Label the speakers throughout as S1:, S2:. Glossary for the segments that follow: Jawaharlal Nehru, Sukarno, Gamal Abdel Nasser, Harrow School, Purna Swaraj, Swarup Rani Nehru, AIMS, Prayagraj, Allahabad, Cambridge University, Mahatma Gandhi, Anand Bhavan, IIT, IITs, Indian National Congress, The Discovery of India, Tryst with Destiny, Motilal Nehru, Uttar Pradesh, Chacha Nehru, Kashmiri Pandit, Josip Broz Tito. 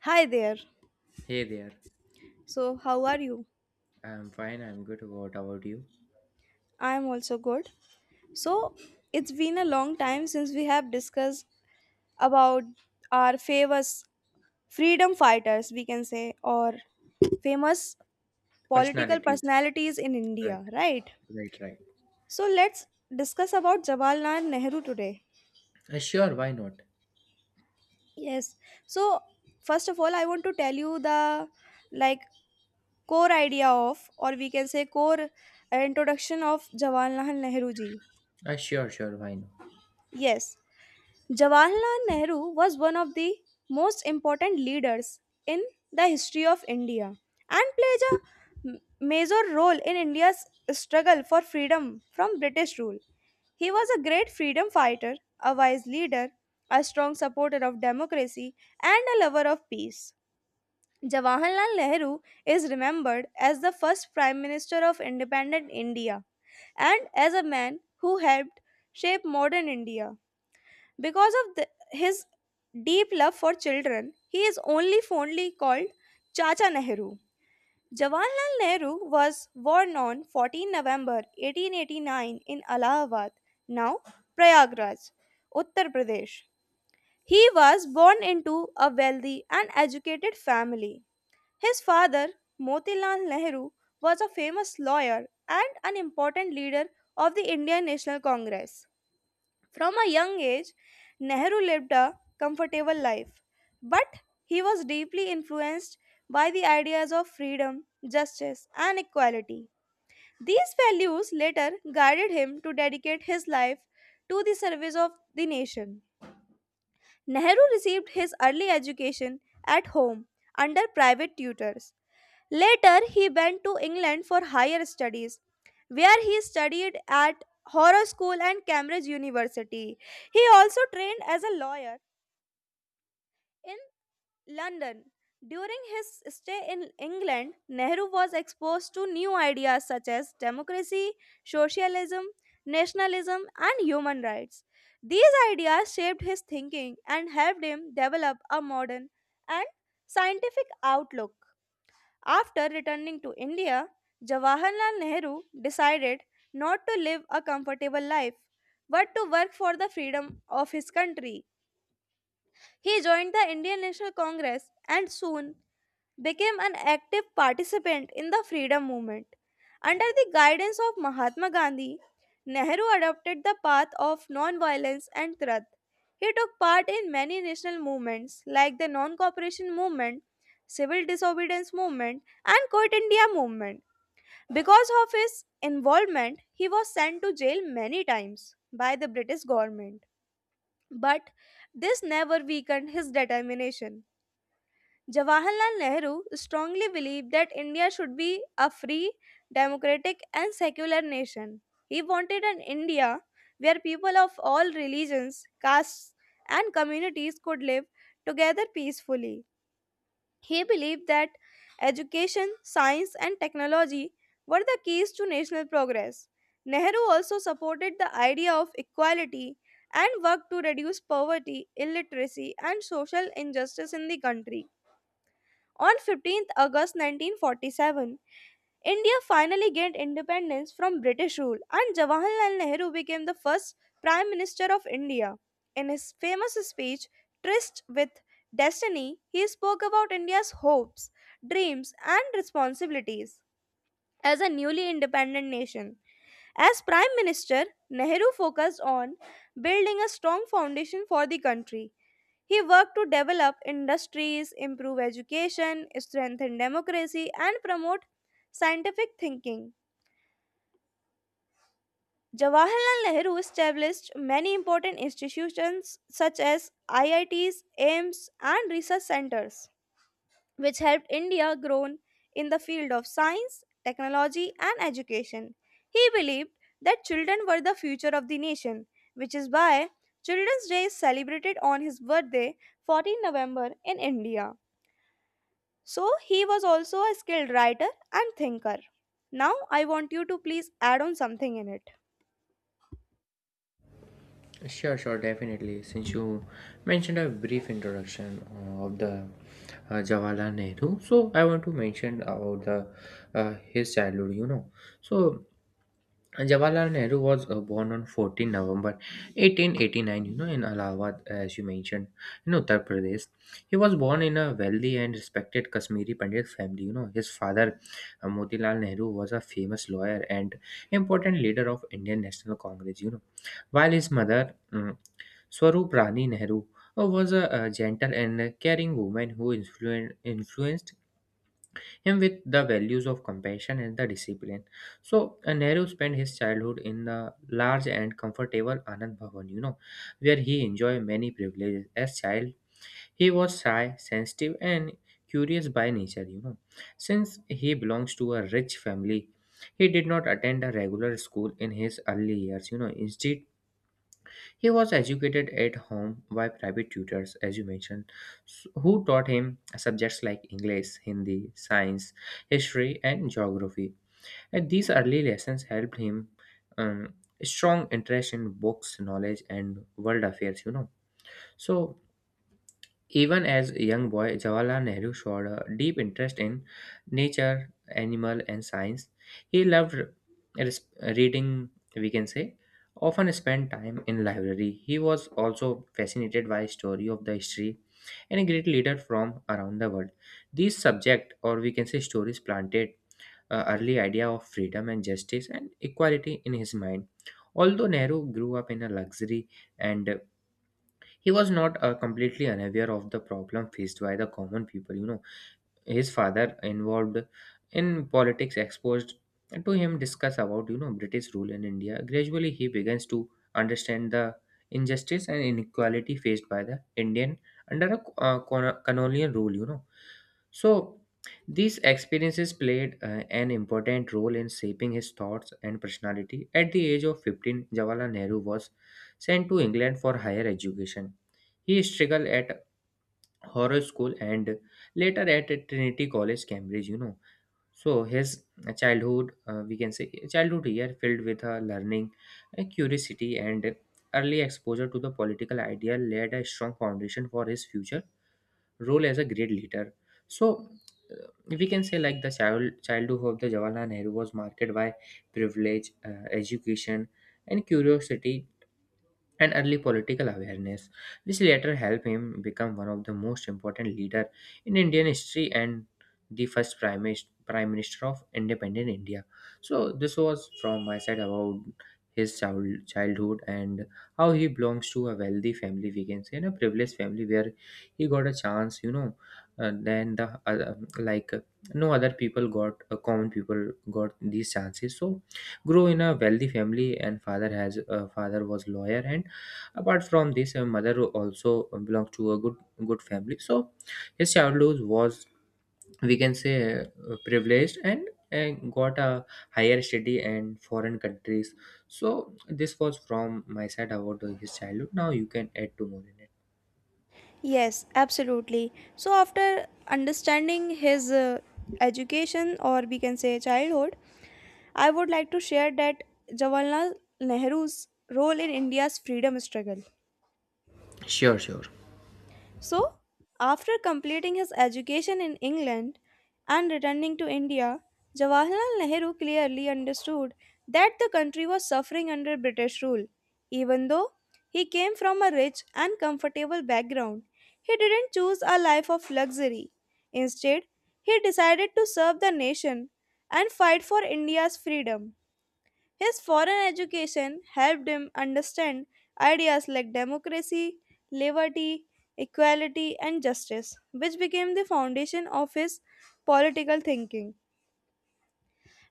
S1: Hi there.
S2: Hey there.
S1: So, how are you?
S2: I'm fine. I'm good. What about you?
S1: I am also good. So, it's been a long time since we have discussed about our famous freedom fighters, we can say, or famous political
S2: Personalities.
S1: personalities in
S2: Right,
S1: India, right?
S2: right, right.
S1: So, let's discuss about Jawaharlal Nehru today.
S2: Sure, why not?
S1: Yes. So, first of all, I want to tell you the like core idea of, or we can say, core introduction of Jawaharlal Nehru ji.
S2: Sure, sure, why not?
S1: Yes. Jawaharlal Nehru was one of the most important leaders in the history of India and played a major role in India's struggle for freedom from British rule. He was a great freedom fighter, a wise leader, a strong supporter of democracy, and a lover of peace. Jawaharlal Nehru is remembered as the first Prime Minister of independent India and as a man who helped shape modern India. Because of the, his deep love for children, he is only fondly called Chacha Nehru. Jawaharlal Nehru was born on 14 November 1889 in Allahabad, now Prayagraj, Uttar Pradesh. He was born into a wealthy and educated family. His father, Motilal Nehru, was a famous lawyer and an important leader of the Indian National Congress. From a young age, Nehru lived a comfortable life, but he was deeply influenced by the ideas of freedom, justice, and equality. These values later guided him to dedicate his life to the service of the nation. Nehru received his early education at home under private tutors. Later, he went to England for higher studies, where he studied at Harrow School and Cambridge University. He also trained as a lawyer in London. During his stay in England, Nehru was exposed to new ideas such as democracy, socialism, nationalism, and human rights. These ideas shaped his thinking and helped him develop a modern and scientific outlook. After returning to India, Jawaharlal Nehru decided not to live a comfortable life, but to work for the freedom of his country. He joined the Indian National Congress and soon became an active participant in the freedom movement. Under the guidance of Mahatma Gandhi, Nehru adopted the path of non-violence and truth. He took part in many national movements like the non cooperation movement, civil disobedience movement, and Quit India movement. Because of his involvement, he was sent to jail many times by the British government. But this never weakened his determination. Jawaharlal Nehru strongly believed that India should be a free, democratic, and secular nation. He wanted an India where people of all religions, castes, and communities could live together peacefully. He believed that education, science, and technology were the keys to national progress. Nehru also supported the idea of equality and worked to reduce poverty, illiteracy, and social injustice in the country. On 15th August 1947, India finally gained independence from British rule, and Jawaharlal Nehru became the first Prime Minister of India. In his famous speech, Tryst with Destiny, he spoke about India's hopes, dreams, and responsibilities as a newly independent nation. As Prime Minister, Nehru focused on building a strong foundation for the country. He worked to develop industries, improve education, strengthen democracy, and promote scientific thinking. Jawaharlal Nehru established many important institutions such as IITs, AIMS, and research centers, which helped India grow in the field of science, technology, and education. He believed that children were the future of the nation, which is why Children's Day is celebrated on his birthday, 14 November, in India. So he was also a skilled writer and thinker. Now I want you to please add on something in it.
S2: Sure, sure, definitely. Since you mentioned a brief introduction of the Jawaharlal Nehru, so I want to mention about the his childhood. So Jawaharlal Nehru was born on 14 November 1889, in Allahabad, as you mentioned, in Uttar Pradesh. He was born in a wealthy and respected Kashmiri Pandit family. His father, Motilal Nehru, was a famous lawyer and important leader of Indian National Congress, while his mother, Swarup Rani Nehru, was a, gentle and caring woman who influenced him with the values of compassion and the discipline. So Nehru spent his childhood in the large and comfortable Anand Bhavan, where he enjoyed many privileges. As child, he was shy, sensitive, and curious by nature. Since he belongs to a rich family, he did not attend a regular school in his early years. Instead, he was educated at home by private tutors, as you mentioned, who taught him subjects like English, Hindi, science, history, and geography. And these early lessons helped him um, strong interest in books, knowledge, and world affairs. So even as a young boy, Jawaharlal Nehru showed a deep interest in nature, animal, and science. He loved res- reading, we can say, often spent time in library. He was also fascinated by story of the history and a great leader from around the world. These subject, or we can say stories, planted early idea of freedom and justice and equality in his mind. Although Nehru grew up in a luxury and he was not completely unaware of the problem faced by the common people. His father involved in politics exposed to him discuss about British rule in India. Gradually he begins to understand the injustice and inequality faced by the Indian under a colonial rule. So these experiences played an important role in shaping his thoughts and personality. At the age of 15, Jawaharlal Nehru was sent to England for higher education. He struggled at horror school and later at Trinity College Cambridge. So his childhood, we can say childhood year, filled with learning, curiosity and early exposure to the political idea, laid a strong foundation for his future role as a great leader. So we can say like the childhood of the Jawaharlal Nehru was marked by privilege, education and curiosity and early political awareness. This later helped him become one of the most important leader in Indian history and the first prime minister of independent India. So this was from my side about his childhood and how he belongs to a wealthy family, we can say, and a privileged family where he got a chance, then the other, no other people got, common people got these chances. So grew in a wealthy family and father has father was lawyer, and apart from this mother also belonged to a good family. So his childhood was, we can say, privileged, and got a higher study and foreign countries. So this was from my side about his childhood. Now you can add to more in
S1: Yes, absolutely. So after understanding his education or we can say childhood, I would like to share that Jawaharlal Nehru's role in India's freedom struggle.
S2: it. Sure, sure.
S1: So, after completing his education in England and returning to India, Jawaharlal Nehru clearly understood that the country was suffering under British rule. Even though he came from a rich and comfortable background, he didn't choose a life of luxury. Instead, he decided to serve the nation and fight for India's freedom. His foreign education helped him understand ideas like democracy, liberty, equality, and justice, which became the foundation of his political thinking.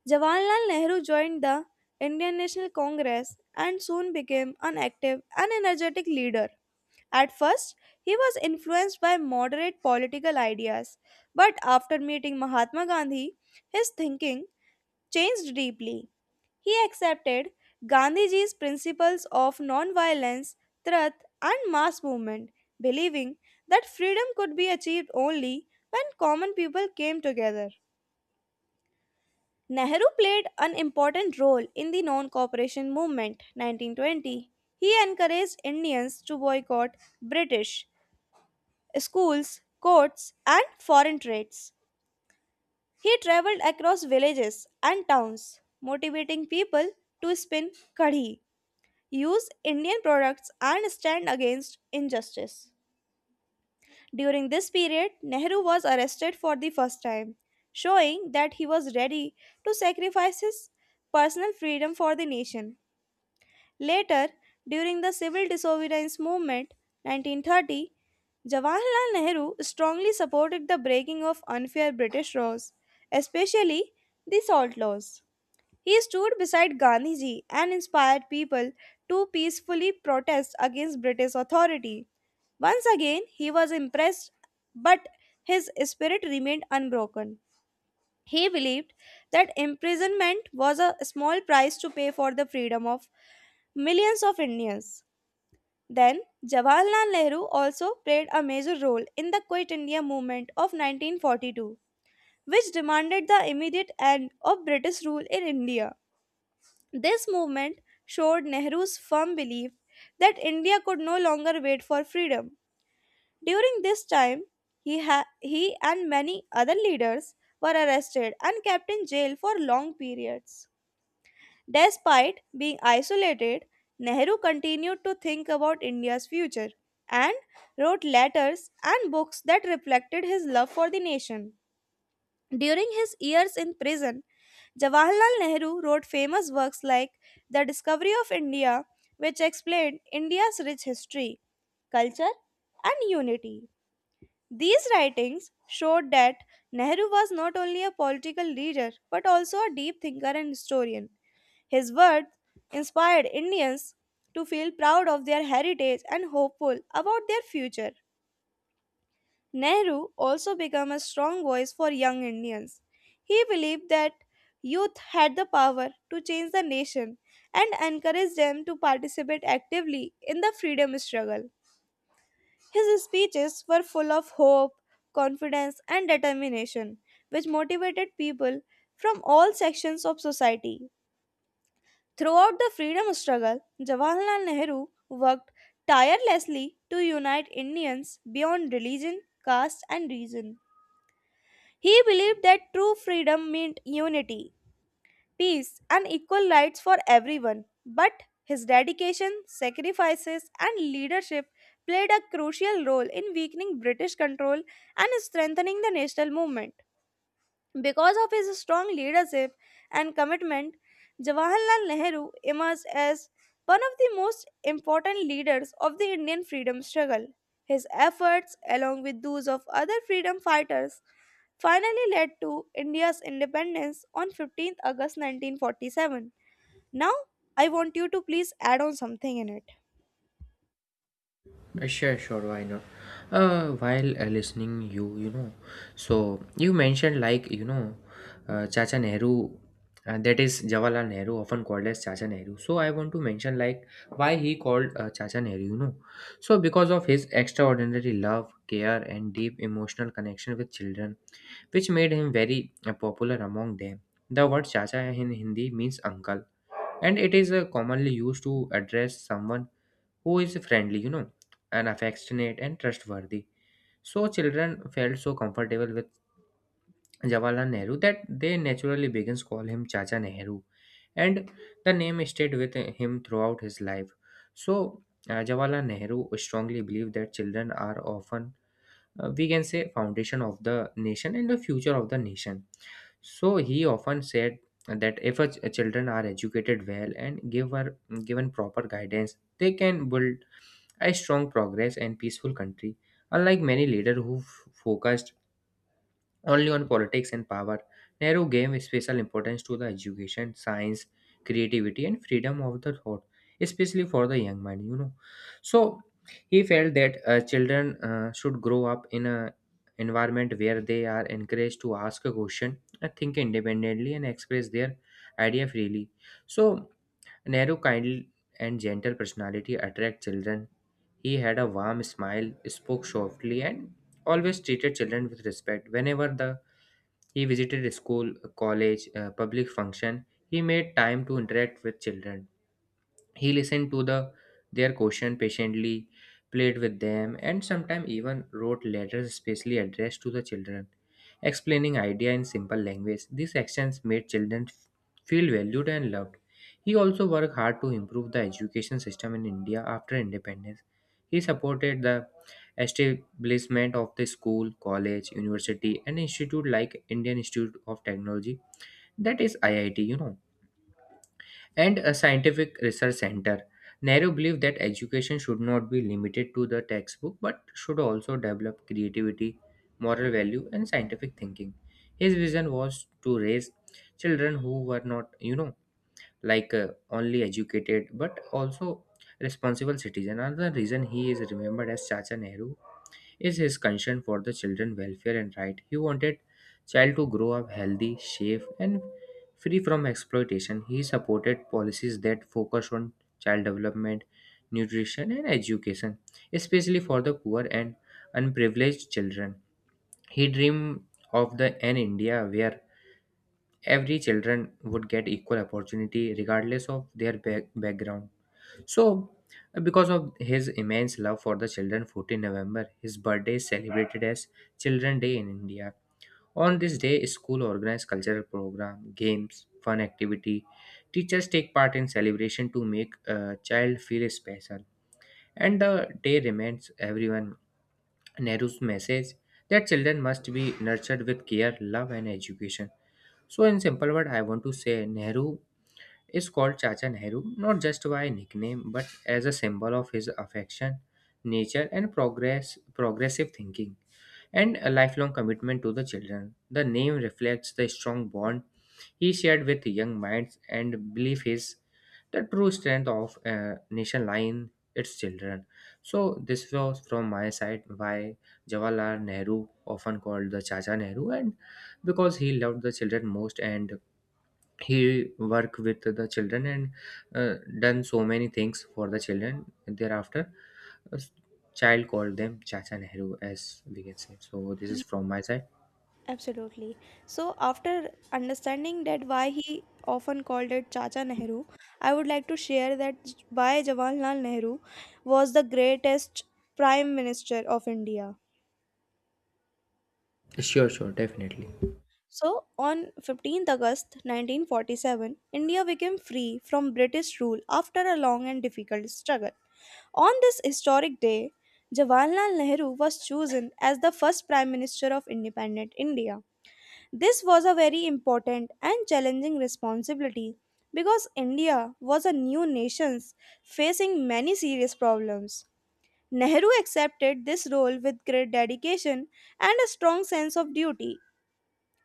S1: Jawaharlal Nehru joined the Indian National Congress and soon became an active and energetic leader. At first, he was influenced by moderate political ideas, but after meeting Mahatma Gandhi, his thinking changed deeply. He accepted Gandhiji's principles of non-violence, truth, and mass movement, believing that freedom could be achieved only when common people came together. Nehru played an important role in the non cooperation movement 1920. He encouraged Indians to boycott British schools, courts, and foreign trades. He traveled across villages and towns, motivating people to spin kadhi, use Indian products and stand against injustice. During this period, Nehru was arrested for the first time, showing that he was ready to sacrifice his personal freedom for the nation. Later, during the civil disobedience movement 1930, Jawaharlal Nehru strongly supported the breaking of unfair British laws, especially the salt laws. He stood beside Gandhiji and inspired people to peacefully protest against British authority. Once again, he was impressed, but his spirit remained unbroken. He believed that imprisonment was a small price to pay for the freedom of millions of Indians. Then, Jawaharlal Nehru also played a major role in the Quit India movement of 1942, which demanded the immediate end of British rule in India. This movement showed Nehru's firm belief that India could no longer wait for freedom. During this time, he and many other leaders were arrested and kept in jail for long periods. Despite being isolated, Nehru continued to think about India's future and wrote letters and books that reflected his love for the nation. During his years in prison, Jawaharlal Nehru wrote famous works like The Discovery of India, which explained India's rich history, culture, and unity. These writings showed that Nehru was not only a political leader but also a deep thinker and historian. His words inspired Indians to feel proud of their heritage and hopeful about their future. Nehru also became a strong voice for young Indians. He believed that youth had the power to change the nation and encouraged them to participate actively in the freedom struggle. His speeches were full of hope, confidence, and determination, which motivated people from all sections of society. Throughout the freedom struggle, Jawaharlal Nehru worked tirelessly to unite Indians beyond religion, caste, and reason. He believed that true freedom meant unity, peace, and equal rights for everyone. But his dedication, sacrifices, and leadership played a crucial role in weakening British control and strengthening the national movement. Because of his strong leadership and commitment, Jawaharlal Nehru emerged as one of the most important leaders of the Indian freedom struggle. His efforts, along with those of other freedom fighters, finally led to India's independence on 15 August 1947. Now, I want you to please add on something in it.
S2: Sure, sure, why not? While listening, so you mentioned, Chacha Nehru, that is Jawaharlal Nehru, often called as Chacha Nehru. So I want to mention like why he called Chacha Nehru, because of his extraordinary love, care, and deep emotional connection with children, which made him very popular among them. The word Chacha in Hindi means uncle, and it is commonly used to address someone who is friendly, and affectionate and trustworthy. So children felt so comfortable with Jawaharlal Nehru that they naturally began to call him Chacha Nehru, and the name stayed with him throughout his life. So Jawaharlal Nehru strongly believed that children are often, we can say, foundation of the nation and the future of the nation. So he often said that if children are educated well and given proper guidance, they can build a strong, progress and peaceful country. Unlike many leaders who focused only on politics and power, Nehru gave special importance to the education, science, creativity, and freedom of the thought, especially for the young man. So he felt that children should grow up in a environment where they are encouraged to ask a question, think independently, and express their idea freely. So Nehru kind and gentle personality attract children. He had a warm smile, spoke softly, and always treated children with respect. Whenever the he visited a school, a college, a public function, he made time to interact with children. He listened to their question patiently, played with them, and sometimes even wrote letters specially addressed to the children, explaining idea in simple language. These actions made children feel valued and loved. He also worked hard to improve the education system in India after independence. He supported the establishment of the school, college, university, and institute like Indian Institute of Technology, that is IIT, and a scientific research center. Nehru believed that education should not be limited to the textbook but should also develop creativity, moral value, and scientific thinking. His vision was to raise children who were not, only educated but also responsible citizens. Another reason he is remembered as Chacha Nehru is his concern for the children welfare and right. He wanted child to grow up healthy, safe and free from exploitation. He supported policies that focus on child development, nutrition and education, especially for the poor and unprivileged children. He dreamed of the an India where every children would get equal opportunity regardless of their background. So, because of his immense love for the children, 14 November, his birthday is celebrated as Children Day in India. On this day, school organize cultural program, games, fun activity. Teachers take part in celebration to make a child feel special. And the day reminds everyone Nehru's message that children must be nurtured with care, love, and education. So, in simple word, I want to say Nehru is called Chacha Nehru not just by a nickname but as a symbol of his affection, nature, and progressive thinking, and a lifelong commitment to the children. The name reflects the strong bond he shared with young minds and belief is the true strength of a nation lying its children. So this was from my side why Jawaharlal Nehru often called the Chacha Nehru, and because he loved the children most and he work with the children and done so many things for the children. Thereafter a s- child called them Chacha Nehru, as we can say. So this is from my side.
S1: Absolutely. So, after understanding that why he often called it Chacha Nehru, I would like to share that why Jawaharlal Nehru was the greatest prime minister of India.
S2: Sure, sure, definitely.
S1: So, on 15th August 1947, India became free from British rule after a long and difficult struggle. On this historic day, Jawaharlal Nehru was chosen as the first Prime Minister of independent India. This was a very important and challenging responsibility because India was a new nation facing many serious problems. Nehru accepted this role with great dedication and a strong sense of duty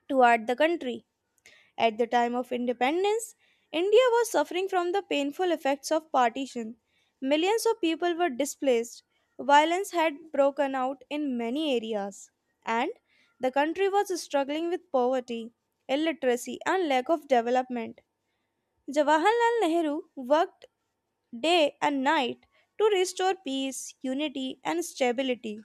S1: toward the country. At the time of independence, India was suffering from the painful effects of partition. Millions of people were displaced, violence had broken out in many areas, and the country was struggling with poverty, illiteracy, and lack of development. Jawaharlal Nehru worked day and night to restore peace, unity, and stability.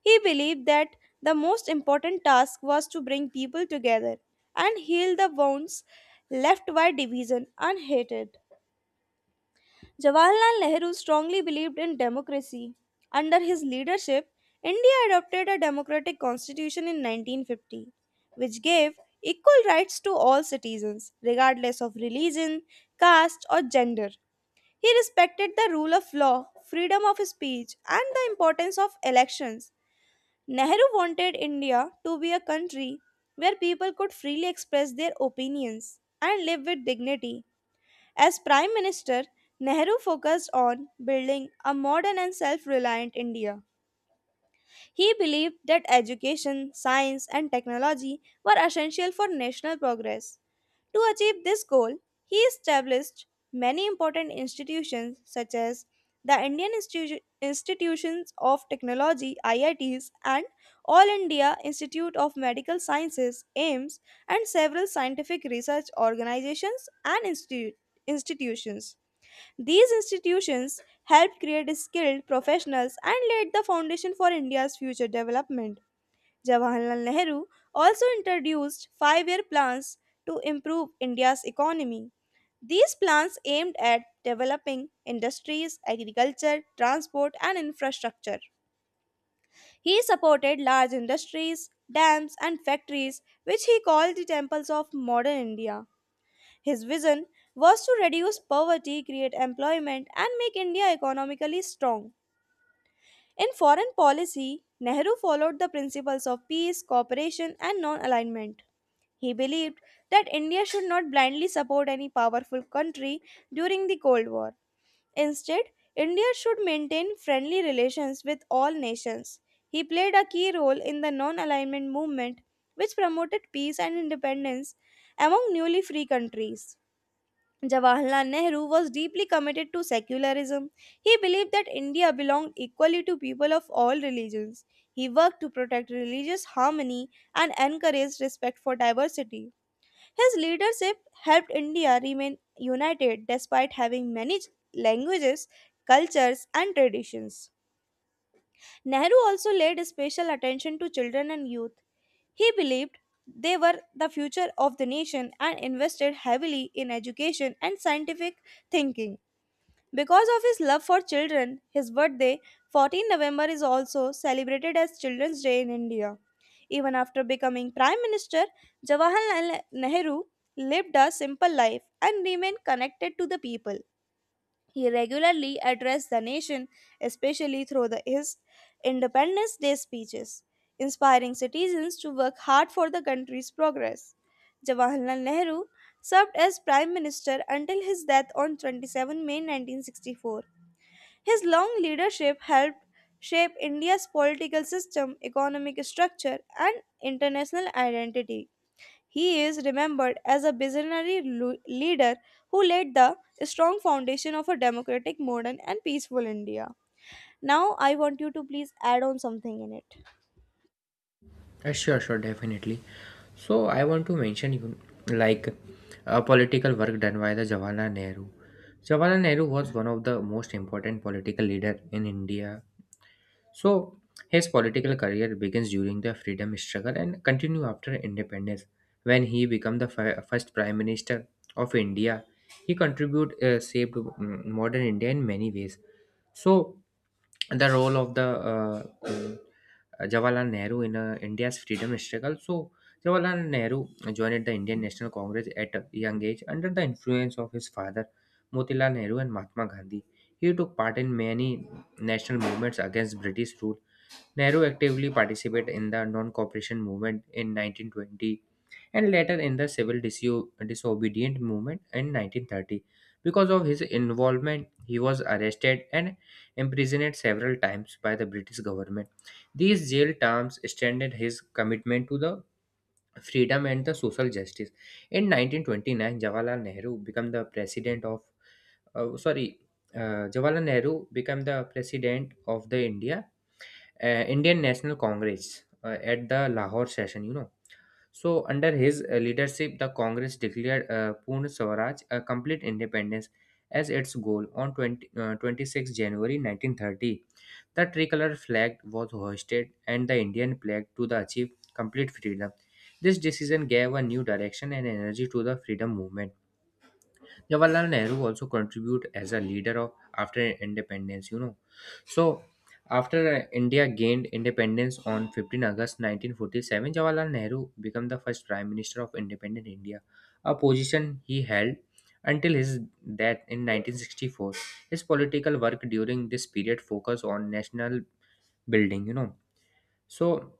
S1: He believed that the most important task was to bring people together and heal the wounds left by division and hatred. Jawaharlal Nehru strongly believed in democracy. Under his leadership, India adopted a democratic constitution in 1950, which gave equal rights to all citizens, regardless of religion, caste, or gender. He respected the rule of law, freedom of speech, and the importance of elections. Nehru wanted India to be a country where people could freely express their opinions and live with dignity. As Prime Minister, Nehru focused on building a modern and self reliant India. He believed that education, science, and technology were essential for national progress. To achieve this goal, he established many important institutions such as the Institutions of Technology IITs and All India Institute of Medical Sciences AIMS and several scientific research organizations and institutions. These institutions helped create skilled professionals and laid the foundation for India's future development. Jawaharlal Nehru also introduced 5 year plans to improve India's economy. These plans aimed at developing industries, agriculture, transport, and infrastructure. He supported large industries, dams, and factories, which he called the temples of modern India. His vision was to reduce poverty, create employment, and make India economically strong. In foreign policy, Nehru followed the principles of peace, cooperation, and non alignment. He believed that India should not blindly support any powerful country during the Cold War. Instead, India should maintain friendly relations with all nations. He played a key role in the non alignment movement, which promoted peace and independence among newly free countries. Jawaharlal Nehru was deeply committed to secularism. He believed that India belonged equally to people of all religions. He worked to protect religious harmony and encouraged respect for diversity. His leadership helped India remain united despite having many languages, cultures, and traditions. Nehru also laid special attention to children and youth. He believed they were the future of the nation and invested heavily in education and scientific thinking. Because of his love for children, his birthday, 14 November, is also celebrated as Children's Day in India. Even after becoming Prime Minister, Jawaharlal Nehru lived a simple life and remained connected to the people. He regularly addressed the nation, especially through his Independence Day speeches, inspiring citizens to work hard for the country's progress. Jawaharlal Nehru served as Prime Minister until his death on 27 May 1964. His long leadership helped shape India's political system, economic structure, and international identity. He is remembered as a visionary leader who laid the strong foundation of a democratic, modern, and peaceful India. Now, I want you to please add on something in it.
S2: Sure, sure, definitely. So I want to mention you like a political work done by the Jawaharlal Nehru. Jawaharlal Nehru was one of the most important political leader in India. So his political career begins during the freedom struggle and continue after independence. When he became the first prime minister of India, he contribute saved modern India in many ways. So the role of the Jawaharlal Nehru in India's freedom struggle. So Jawaharlal Nehru joined the Indian National Congress at a young age under the influence of his father Motilal Nehru and Mahatma Gandhi. He took part in many national movements against British rule. Nehru actively participated in the non-cooperation movement in 1920 and later in the civil disobedient movement in 1930. Because of his involvement, he was arrested and imprisoned several times by the British government. These jail terms extended his commitment to the freedom and the social justice. In 1929, Jawaharlal Nehru became the president of, uh, sorry, Jawaharlal Nehru became the president of the Indian National Congress at the Lahore session. So, under his leadership, the Congress declared Purna Swaraj, a complete independence, as its goal on 26 January 1930. The tricolor flag was hoisted and the Indian flag to the achieve complete freedom. This decision gave a new direction and energy to the freedom movement. Jawaharlal Nehru also contribute as a leader of after independence. So after India gained independence on 15 August 1947, Jawaharlal Nehru became the first Prime Minister of independent India, a position he held until his death in 1964. His political work during this period focused on national building. So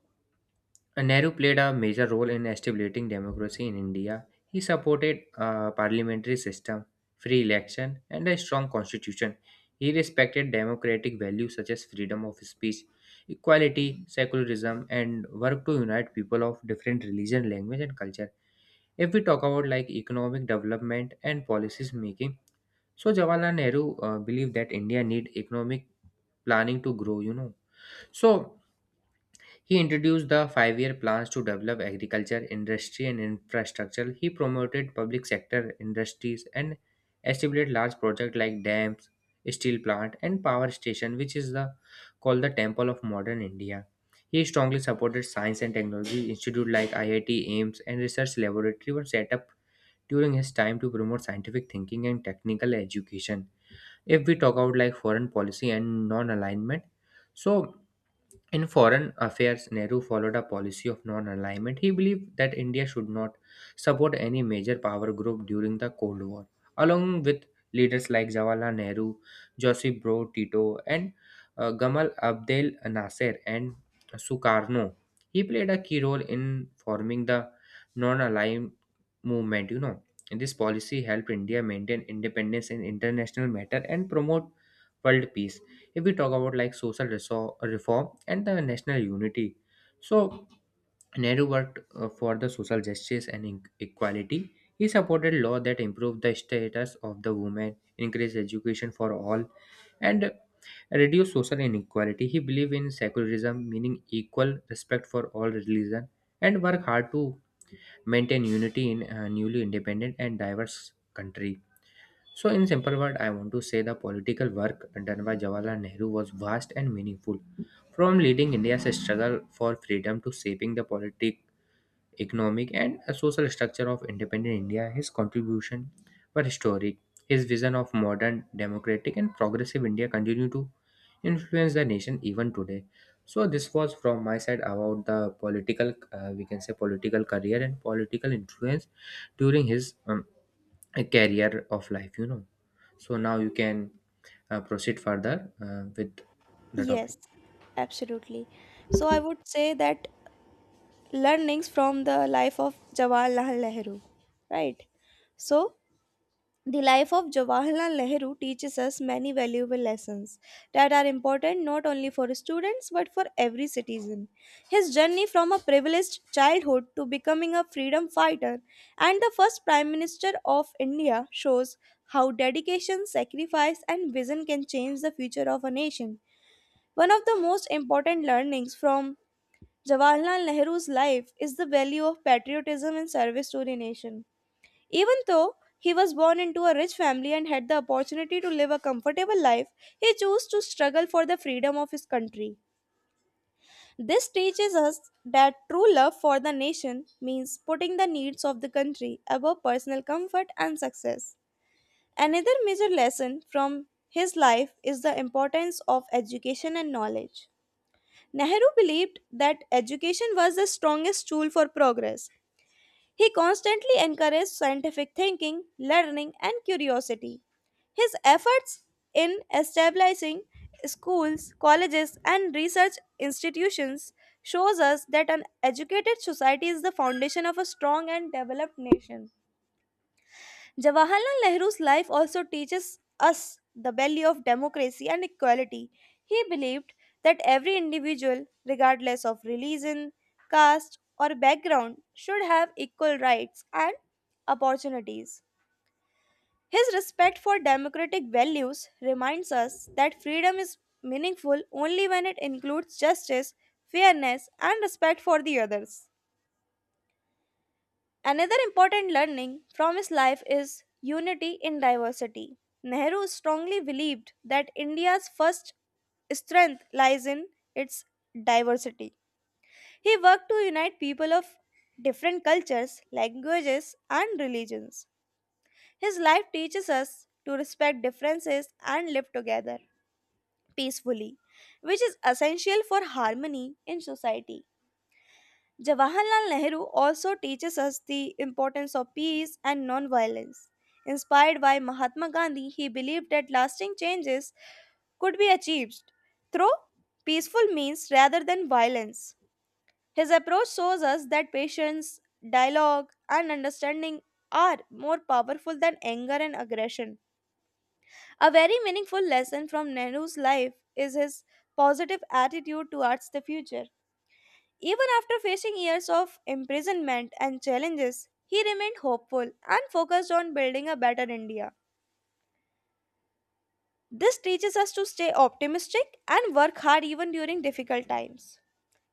S2: Nehru played a major role in establishing democracy in India. He supported a parliamentary system, free election, and a strong constitution. He respected democratic values such as freedom of speech, equality, secularism, and worked to unite people of different religion, language, and culture. If we talk about like economic development and policies making, so Jawaharlal Nehru believed that India need economic planning to grow. So he introduced the 5-year plans to develop agriculture, industry, and infrastructure. He promoted public sector industries and established large projects like dams, steel plant, and power station, which is the, called the temple of modern India. He strongly supported science and technology institute like IIT, AIMS, and research laboratory were set up during his time to promote scientific thinking and technical education. If we talk about like foreign policy and non-alignment, so in foreign affairs, Nehru followed a policy of non alignment. He believed that India should not support any major power group during the Cold War. Along with leaders like Jawaharlal Nehru, Josip Broz Tito, and Gamal Abdel Nasser and Sukarno, he played a key role in forming the non aligned movement. And this policy helped India maintain independence in international matter and promote world peace. If we talk about like social reform and the national unity, so Nehru worked for the social justice and equality. He supported law that improved the status of the women, increased education for all, and reduced social inequality. He believed in secularism meaning equal respect for all religion, and worked hard to maintain unity in a newly independent and diverse country. So, in simple word, I want to say the political work done by Jawaharlal Nehru was vast and meaningful. From leading India's struggle for freedom to shaping the politic, economic and a social structure of independent India, his contribution were historic. His vision of modern, democratic, and progressive India continue to influence the nation even today. So this was from my side about the political, we can say political career and political influence during his career of life. So now you can proceed further with the
S1: Yes,
S2: topic.
S1: absolutely. So, I would say that learnings from the life of Jawaharlal Nehru, right? So, the life of Jawaharlal Nehru teaches us many valuable lessons that are important not only for students but for every citizen. His journey from a privileged childhood to becoming a freedom fighter and the first Prime Minister of India shows how dedication, sacrifice, and vision can change the future of a nation. One of the most important learnings from Jawaharlal Nehru's life is the value of patriotism and service to the nation. Even though he was born into a rich family and had the opportunity to live a comfortable life, he chose to struggle for the freedom of his country. This teaches us that true love for the nation means putting the needs of the country above personal comfort and success. Another major lesson from his life is the importance of education and knowledge. Nehru believed that education was the strongest tool for progress. He constantly encouraged scientific thinking, learning, and curiosity. His efforts in establishing schools, colleges, and research institutions shows us that an educated society is the foundation of a strong and developed nation. Jawaharlal Nehru's life also teaches us the value of democracy and equality. He believed that every individual, regardless of religion, caste, or background, should have equal rights and opportunities. His respect for democratic values reminds us that freedom is meaningful only when it includes justice, fairness, and respect for the others. Another important learning from his life is unity in diversity. Nehru strongly believed that India's first strength lies in its diversity. He worked to unite people of different cultures, languages, and religions. His life teaches us to respect differences and live together peacefully, which is essential for harmony in society. Jawaharlal Nehru also teaches us the importance of peace and non-violence. Inspired by Mahatma Gandhi, he believed that lasting changes could be achieved through peaceful means rather than violence. His approach shows us that patience, dialogue, and understanding are more powerful than anger and aggression. A very meaningful lesson from Nehru's life is his positive attitude towards the future. Even after facing years of imprisonment and challenges, he remained hopeful and focused on building a better India. This teaches us to stay optimistic and work hard even during difficult times.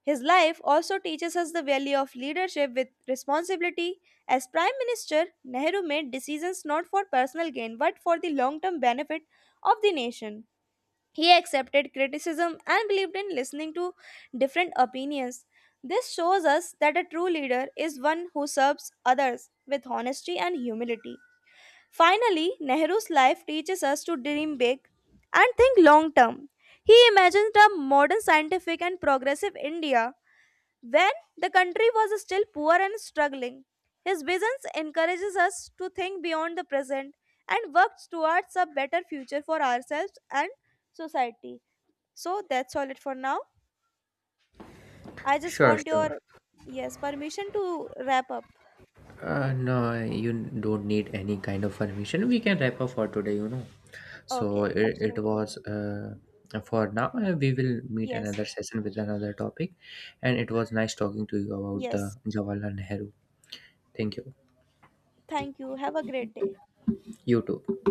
S1: His life also teaches us the value of leadership with responsibility. As Prime Minister, Nehru made decisions not for personal gain but for the long term benefit of the nation. He accepted criticism and believed in listening to different opinions. This shows us that a true leader is one who serves others with honesty and humility. Finally, Nehru's life teaches us to dream big and think long term. He imagined a modern scientific and progressive India when the country was still poor and struggling. His visions encourages us to think beyond the present and work towards a better future for ourselves and society. So that's all it for now. I just
S2: Sure,
S1: want your
S2: sure.
S1: yes permission to wrap up.
S2: No, you don't need any kind of permission. We can wrap up for today. So
S1: Okay,
S2: it
S1: absolutely.
S2: was for now. We will meet
S1: Yes.
S2: another session with another topic. And it was nice talking to you about
S1: Yes.
S2: the Jawaharlal Nehru. Thank you.
S1: Thank you. Have a great day.
S2: You too.